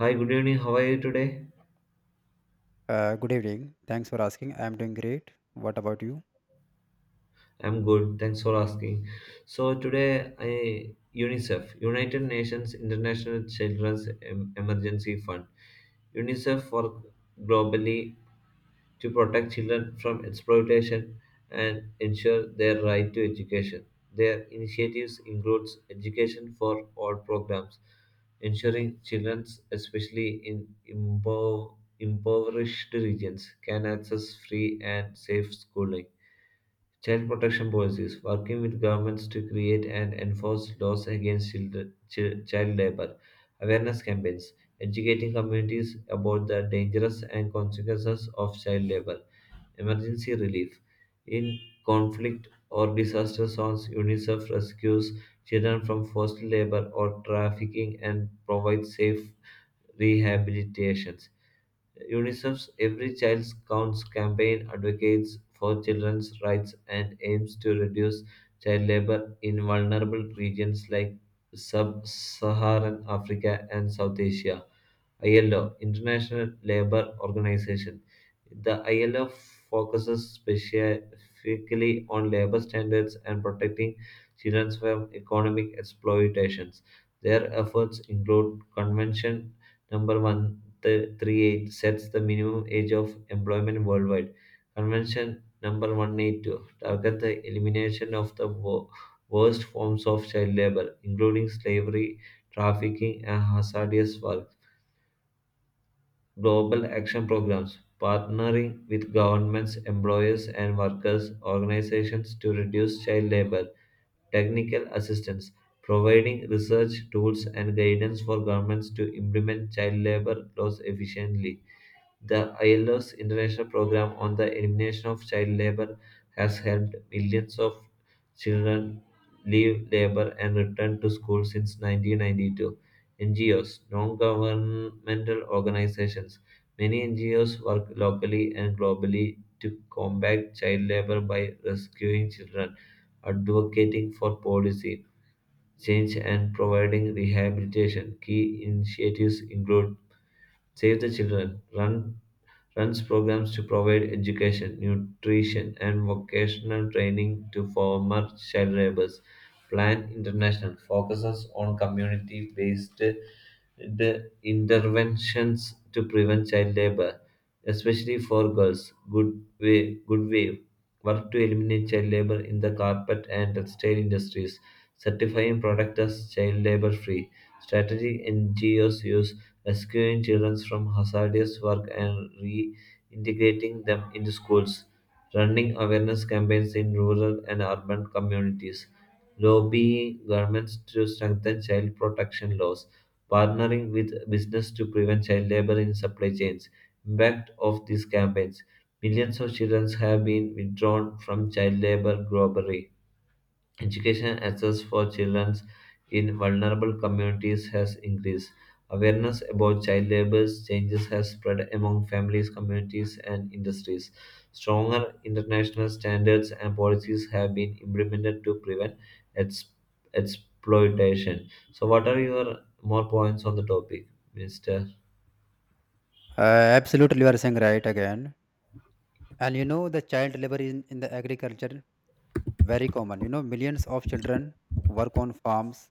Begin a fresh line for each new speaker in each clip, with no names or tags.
Hi, good evening. How are you today?
Good evening. Thanks for asking. I'm doing great. What about you?
I'm good. Thanks for asking. So today, I UNICEF, United Nations International Children's Emergency Fund. UNICEF work globally to protect children from exploitation and ensure their right to education. Their initiatives includes education for all programs, ensuring children, especially in impoverished regions, can access free and safe schooling. Child protection policies, working with governments to create and enforce laws against children, child labor, awareness campaigns, educating communities about the dangers and consequences of child labor, emergency relief. In conflict or disaster zones, UNICEF rescues children from forced labor or trafficking and provides safe rehabilitations. UNICEF's Every Child Counts campaign advocates for children's rights and aims to reduce child labor in vulnerable regions like sub Saharan Africa and South Asia. ILO, International Labour Organization. The ILO focuses specifically on labor standards and protecting children from economic exploitations. Their efforts include Convention number One. 38 sets the minimum age of employment worldwide. Convention number 182 target the elimination of the worst forms of child labor, including slavery, trafficking, and hazardous work. Global action programs partnering with governments, employers, and workers' organizations to reduce child labor. Technical assistance providing research tools and guidance for governments to implement child labor laws efficiently the ILO's international program on the elimination of child labor has helped millions of children leave labor and return to school since 1992. NGOs, non governmental organizations. Many NGOs work locally and globally to combat child labor by rescuing children, advocating for policy change, and providing rehabilitation. Key initiatives include Save the Children run, runs programs to provide education, nutrition, and vocational training to former child laborers. Plan International focuses on community based the interventions to prevent child labor, especially for girls. Good way work to eliminate child labor in the carpet and textile industries, certifying products as child labor free. Strategic NGOs use rescuing children from hazardous work and reintegrating them into schools, running awareness campaigns in rural and urban communities lobbying governments to strengthen child protection laws, partnering with business to prevent child labor in supply chains. Impact of these campaigns. Millions of children have been withdrawn from child labor globally. Education access for children in vulnerable communities has increased. Awareness about child labor changes has spread among families, communities, and industries. Stronger international standards and policies have been implemented to prevent ex- exploitation. So, what are your more points on the topic, Mr.?
Absolutely, you are saying right again. And you know, the child labor in the agriculture very common. You know, millions of children work on farms.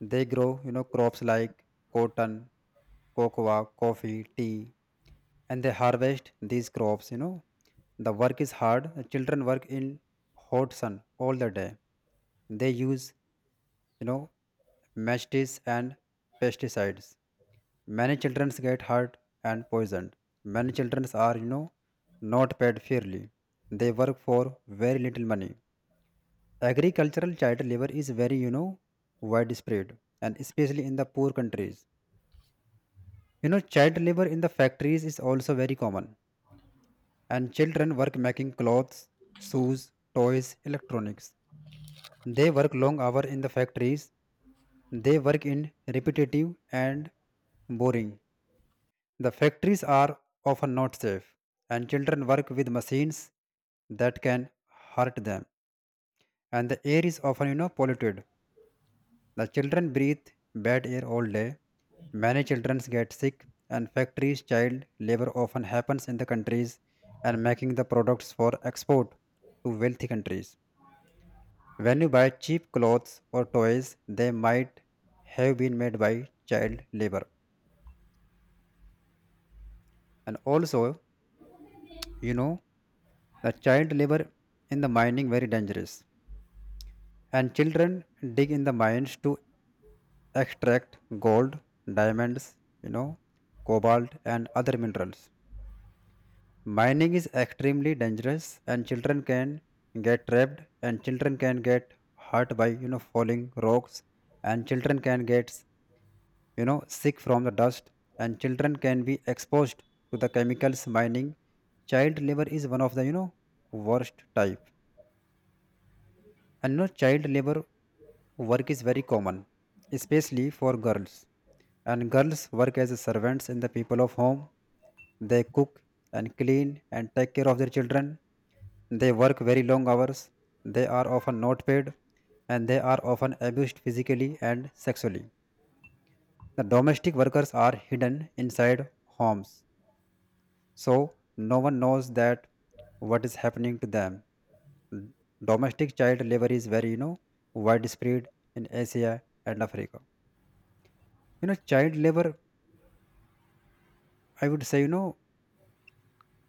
They grow, you know, crops like cotton, cocoa, coffee, tea, and they harvest these crops. You know, the work is hard. The children work in hot sun all the day. They use, you know, matches and pesticides. Many children get hurt and poisoned. Many children are, you know, not paid fairly. They work for very little money. Agricultural child labor is very, you know, widespread and especially in the poor countries. You know, child labor in the factories is also very common. And children work making clothes, shoes, toys, electronics. They work long hours in the factories. They work in repetitive and boring. The factories are often not safe, and children work with machines that can hurt them. And the air is often, you know, polluted. The children breathe bad air all day. Many children get sick, and factories child labor often happens in the countries and making the products for export to wealthy countries. When you buy cheap clothes or toys, they might have been made by child labor. And also, you know, the child labor in the mining very dangerous, and children dig in the mines to extract gold, diamonds, you know, cobalt and other minerals. Mining is extremely dangerous and children can get trapped and children can get hurt by, you know, falling rocks and children can get, you know, sick from the dust and children can be exposed to the chemicals mining. Child labor is one of the, you know, worst type. And you know, child labor work is very common, especially for girls. And girls work as servants in the people of home. They cook and clean and take care of their children. They work very long hours. They are often not paid and they are often abused physically and sexually. The domestic workers are hidden inside homes, so no one knows that what is happening to them. D- Domestic child labor is very, you know, widespread in Asia and Africa. You know, child labor, I would say, you know,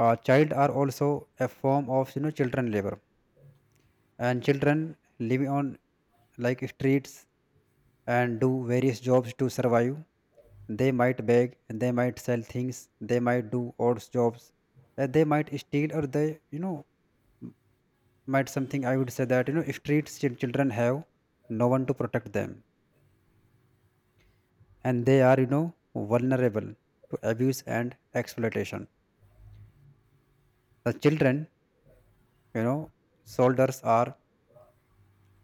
child are also a form of, you know, children labor. And children live on like streets and do various jobs to survive. They might beg, they might sell things, they might do odd jobs, they might steal, or they, you know, might something. I would say that you know, streets children have no one to protect them, and they are you know vulnerable to abuse and exploitation. The children, you know, soldiers are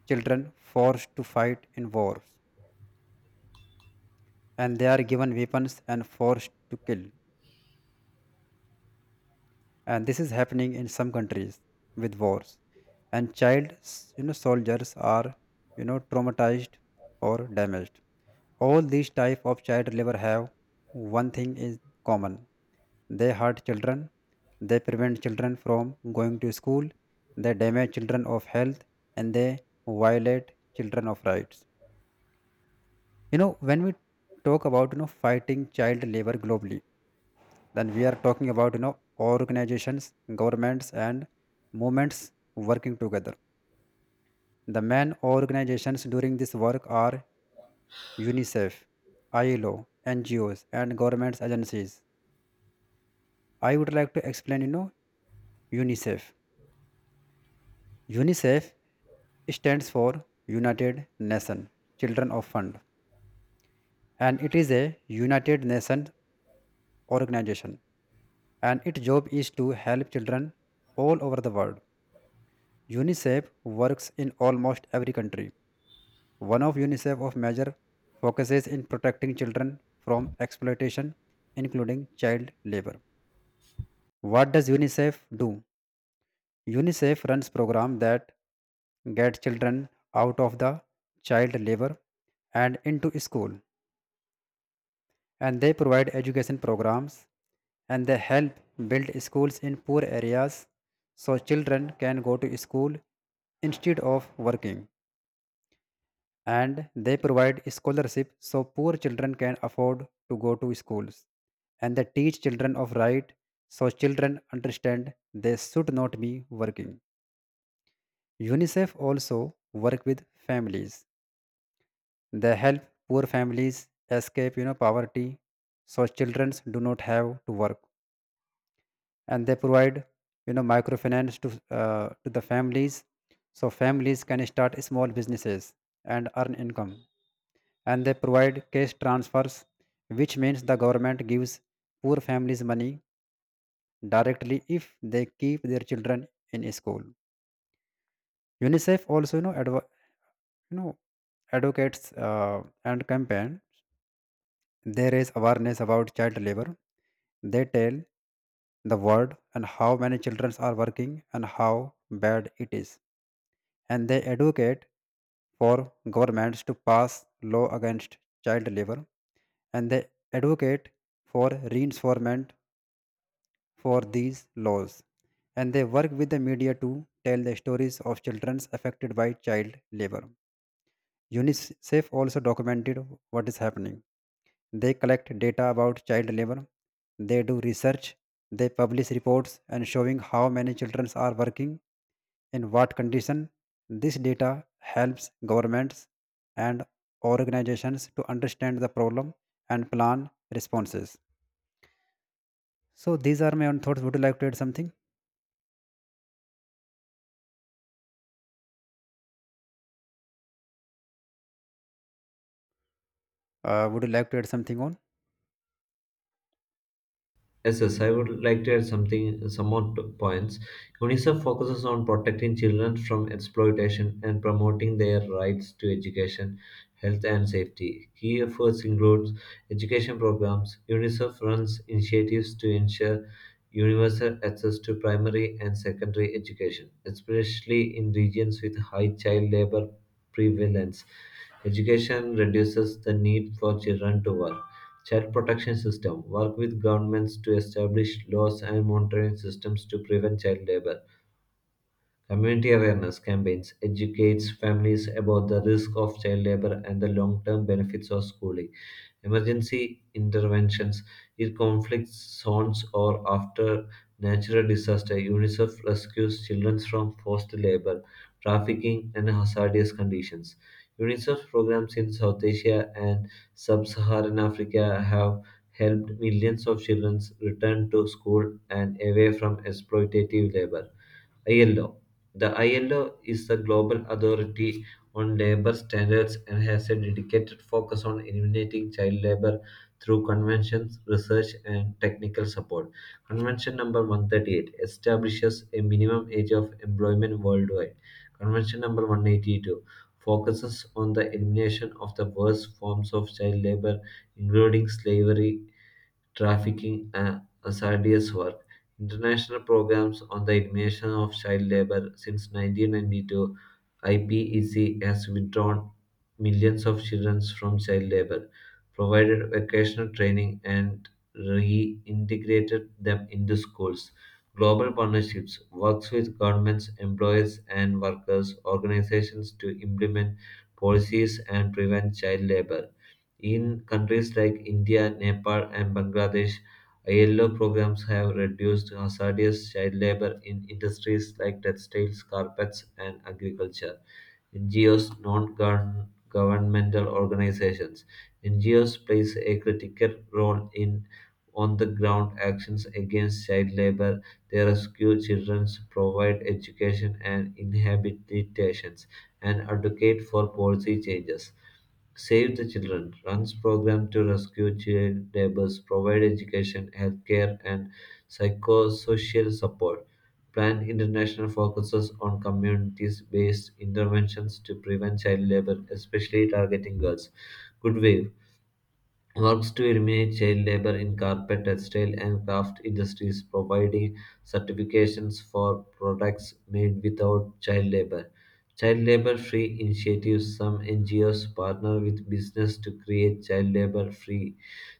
children forced to fight in wars, and they are given weapons and forced to kill, and this is happening in some countries with wars. And you know soldiers are you know traumatized or damaged. All these type of child labor have one thing is common. They hurt children. They prevent children from going to school. They damage children of health and they violate children of rights. You know, when we talk about you know fighting child labor globally, then we are talking about you know organizations, governments and movements working together. The main organizations during this work are UNICEF, ILO, NGOs and government agencies. I would like to explain you know UNICEF. UNICEF stands for United Nations Children of Fund and it is a United Nations organization and its job is to help children all over the world. UNICEF works in almost every country. One of UNICEF of major focuses in protecting children from exploitation including child labor. What does UNICEF do? UNICEF runs programs that get children out of the child labor and into school, and they provide education programs and they help build schools in poor areas so children can go to school instead of working, and they provide scholarship so poor children can afford to go to schools, and they teach children of right so children understand they should not be working. UNICEF also work with families. They help poor families escape, you know, poverty, so children do not have to work, and they provide, you know, microfinance to the families, so families can start small businesses and earn income. And they provide cash transfers, which means the government gives poor families money directly if they keep their children in school. UNICEF also, you know, you know advocates and campaign. They raise awareness about child labor. They tell the world and how many children are working and how bad it is, and they advocate for governments to pass law against child labor, and they advocate for reinforcement for these laws, and they work with the media to tell the stories of children affected by child labor. UNICEF also documented what is happening. They collect data about child labor. They do research. They publish reports and showing how many children are working in what condition. This data helps governments and organizations to understand the problem and plan responses. So these are my own thoughts. Would you like to add something? Would you like to add something on?
Yes, yes, I would like to add something, some more points. UNICEF focuses on protecting children from exploitation and promoting their rights to education, health, and safety. Key efforts include education programs. UNICEF runs initiatives to ensure universal access to primary and secondary education, especially in regions with high child labor prevalence. Education reduces the need for children to work. Child protection system work with governments to establish laws and monitoring systems to prevent child labor. Community awareness campaigns educates families about the risk of child labor and the long-term benefits of schooling. Emergency interventions in conflict zones or after natural disaster. UNICEF rescues children from forced labor, trafficking, and hazardous conditions. UNICEF programs in South Asia and sub-Saharan Africa have helped millions of children return to school and away from exploitative labor. ILO, the ILO is the global authority on labor standards and has a dedicated focus on eliminating child labor through conventions, research, and technical support. Convention number 138 establishes a minimum age of employment worldwide. Convention number 182 focuses on the elimination of the worst forms of child labor, including slavery, trafficking, and hazardous work. International programs on the elimination of child labor since 1992, IPEC has withdrawn millions of children from child labor, provided vocational training, and reintegrated them into schools. Global partnerships works with governments, employers, and workers organizations to implement policies and prevent child labor. In countries like India, Nepal, and Bangladesh, ILO programs have reduced hazardous child labor in industries like textiles, carpets, and agriculture. NGOs, non governmental organizations. NGOs plays a critical role in on the ground actions against child labor. They rescue children, provide education and inhabitations, and advocate for policy changes. Save the Children runs programs to rescue child laborers, provide education, healthcare, and psychosocial support. Plan International focuses on communities based interventions to prevent child labor, especially targeting girls. Good Wave works to eliminate child labor in carpet, textile, and craft industries, providing certifications for products made without child labor. Child labor free initiatives. Some NGOs partner with business to create child labor free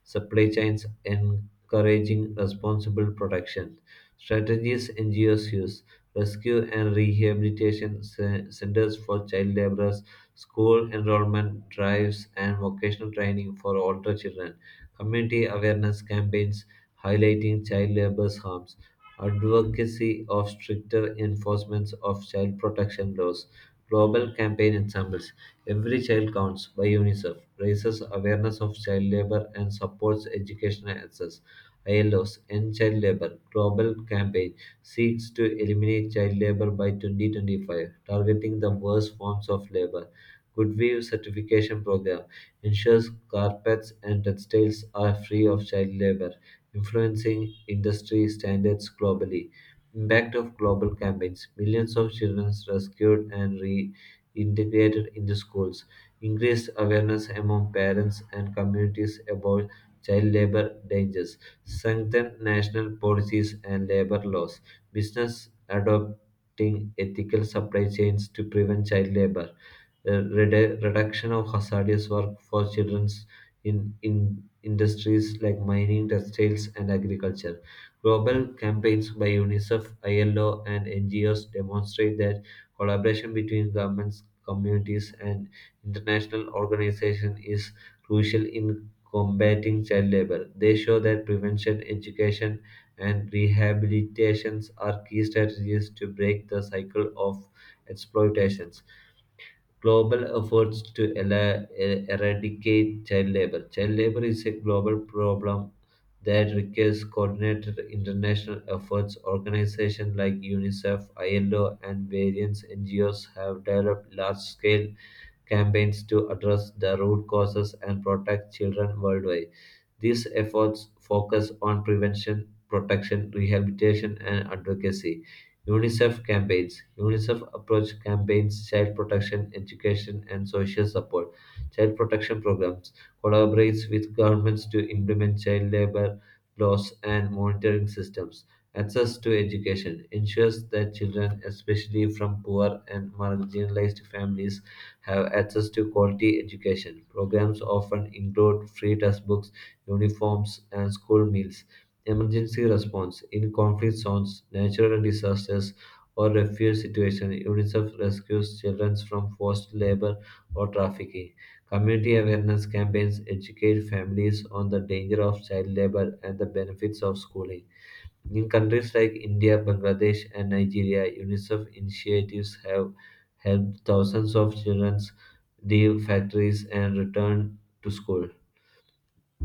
supply chains, encouraging responsible production. Strategies NGOs use rescue and rehabilitation centers for child laborers, school enrollment drives, and vocational training for older children, community awareness campaigns highlighting child labor's harms, advocacy of stricter enforcement of child protection laws, global campaign ensembles. Every Child Counts by UNICEF raises awareness of child labor and supports educational access. ILO's End Child Labor Global Campaign seeks to eliminate child labor by 2025, targeting the worst forms of labor. Goodweave certification program ensures carpets and textiles are free of child labor, influencing industry standards globally. Impact of global campaigns. Millions of children rescued and reintegrated into schools. Increased awareness among parents and communities about child labor dangers, strengthen national policies and labor laws, business adopting ethical supply chains to prevent child labor, reduction of hazardous work for children in, industries like mining, textiles, and agriculture. Global campaigns by UNICEF, ILO, and NGOs demonstrate that collaboration between governments, communities, and international organizations is crucial in combating child labor. They show that prevention, education, and rehabilitations are key strategies to break the cycle of exploitation global efforts to eradicate child labor. Child labor is a global problem that requires coordinated international efforts. Organizations like UNICEF, ILO, and various NGOs have developed large scale campaigns to address the root causes and protect children worldwide. These efforts focus on prevention, protection, rehabilitation, and advocacy. UNICEF campaigns. UNICEF approach campaigns child protection, education, and social support. Child protection programs collaborates with governments to implement child labor laws and monitoring systems. Access to education ensures that children, especially from poor and marginalized families, have access to quality education. Programs often include free textbooks, uniforms, and school meals. Emergency response in conflict zones, natural disasters, or refugee situations, UNICEF rescues children from forced labor or trafficking. Community awareness campaigns educate families on the danger of child labor and the benefits of schooling. In countries like India, Bangladesh, and Nigeria, UNICEF initiatives have helped thousands of children leave factories and return to school.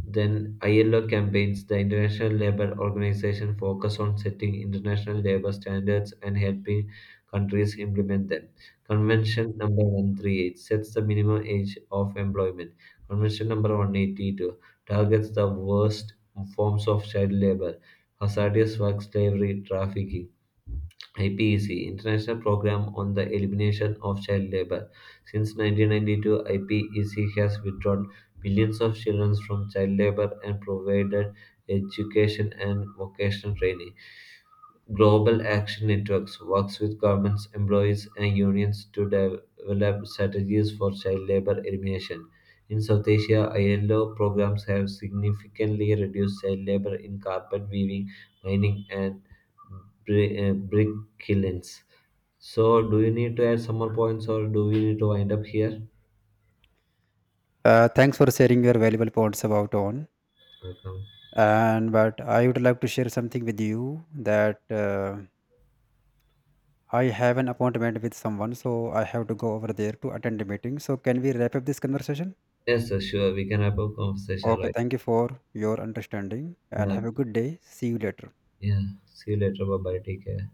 Then ILO campaigns, the International Labour Organization, focus on setting international labour standards and helping countries implement them. Convention number 138 sets the minimum age of employment. Convention number 182 targets the worst forms of child labour, hazardous work, slavery, trafficking. IPEC, International Program on the Elimination of Child Labor. Since 1992, IPEC has withdrawn millions of children from child labor and provided education and vocational training. Global Action Networks works with governments, employees, and unions to develop strategies for child labor elimination. In South Asia, ILO programs have significantly reduced child labor in carpet weaving, mining, and brick kilns. So, do you need to add some more points, or do we need to wind up here?
Thanks for sharing your valuable points about on.
Welcome.
And but I would like to share something with you that. I have an appointment with someone, so I have to go over there to attend a meeting. So, can we wrap up this conversation?
Yes, sir, sure. We can have a conversation,
Okay,
right?
thank you for your understanding and
Yeah,
have a good day. See you later.
yeah. See you later. Bye bye. Take care.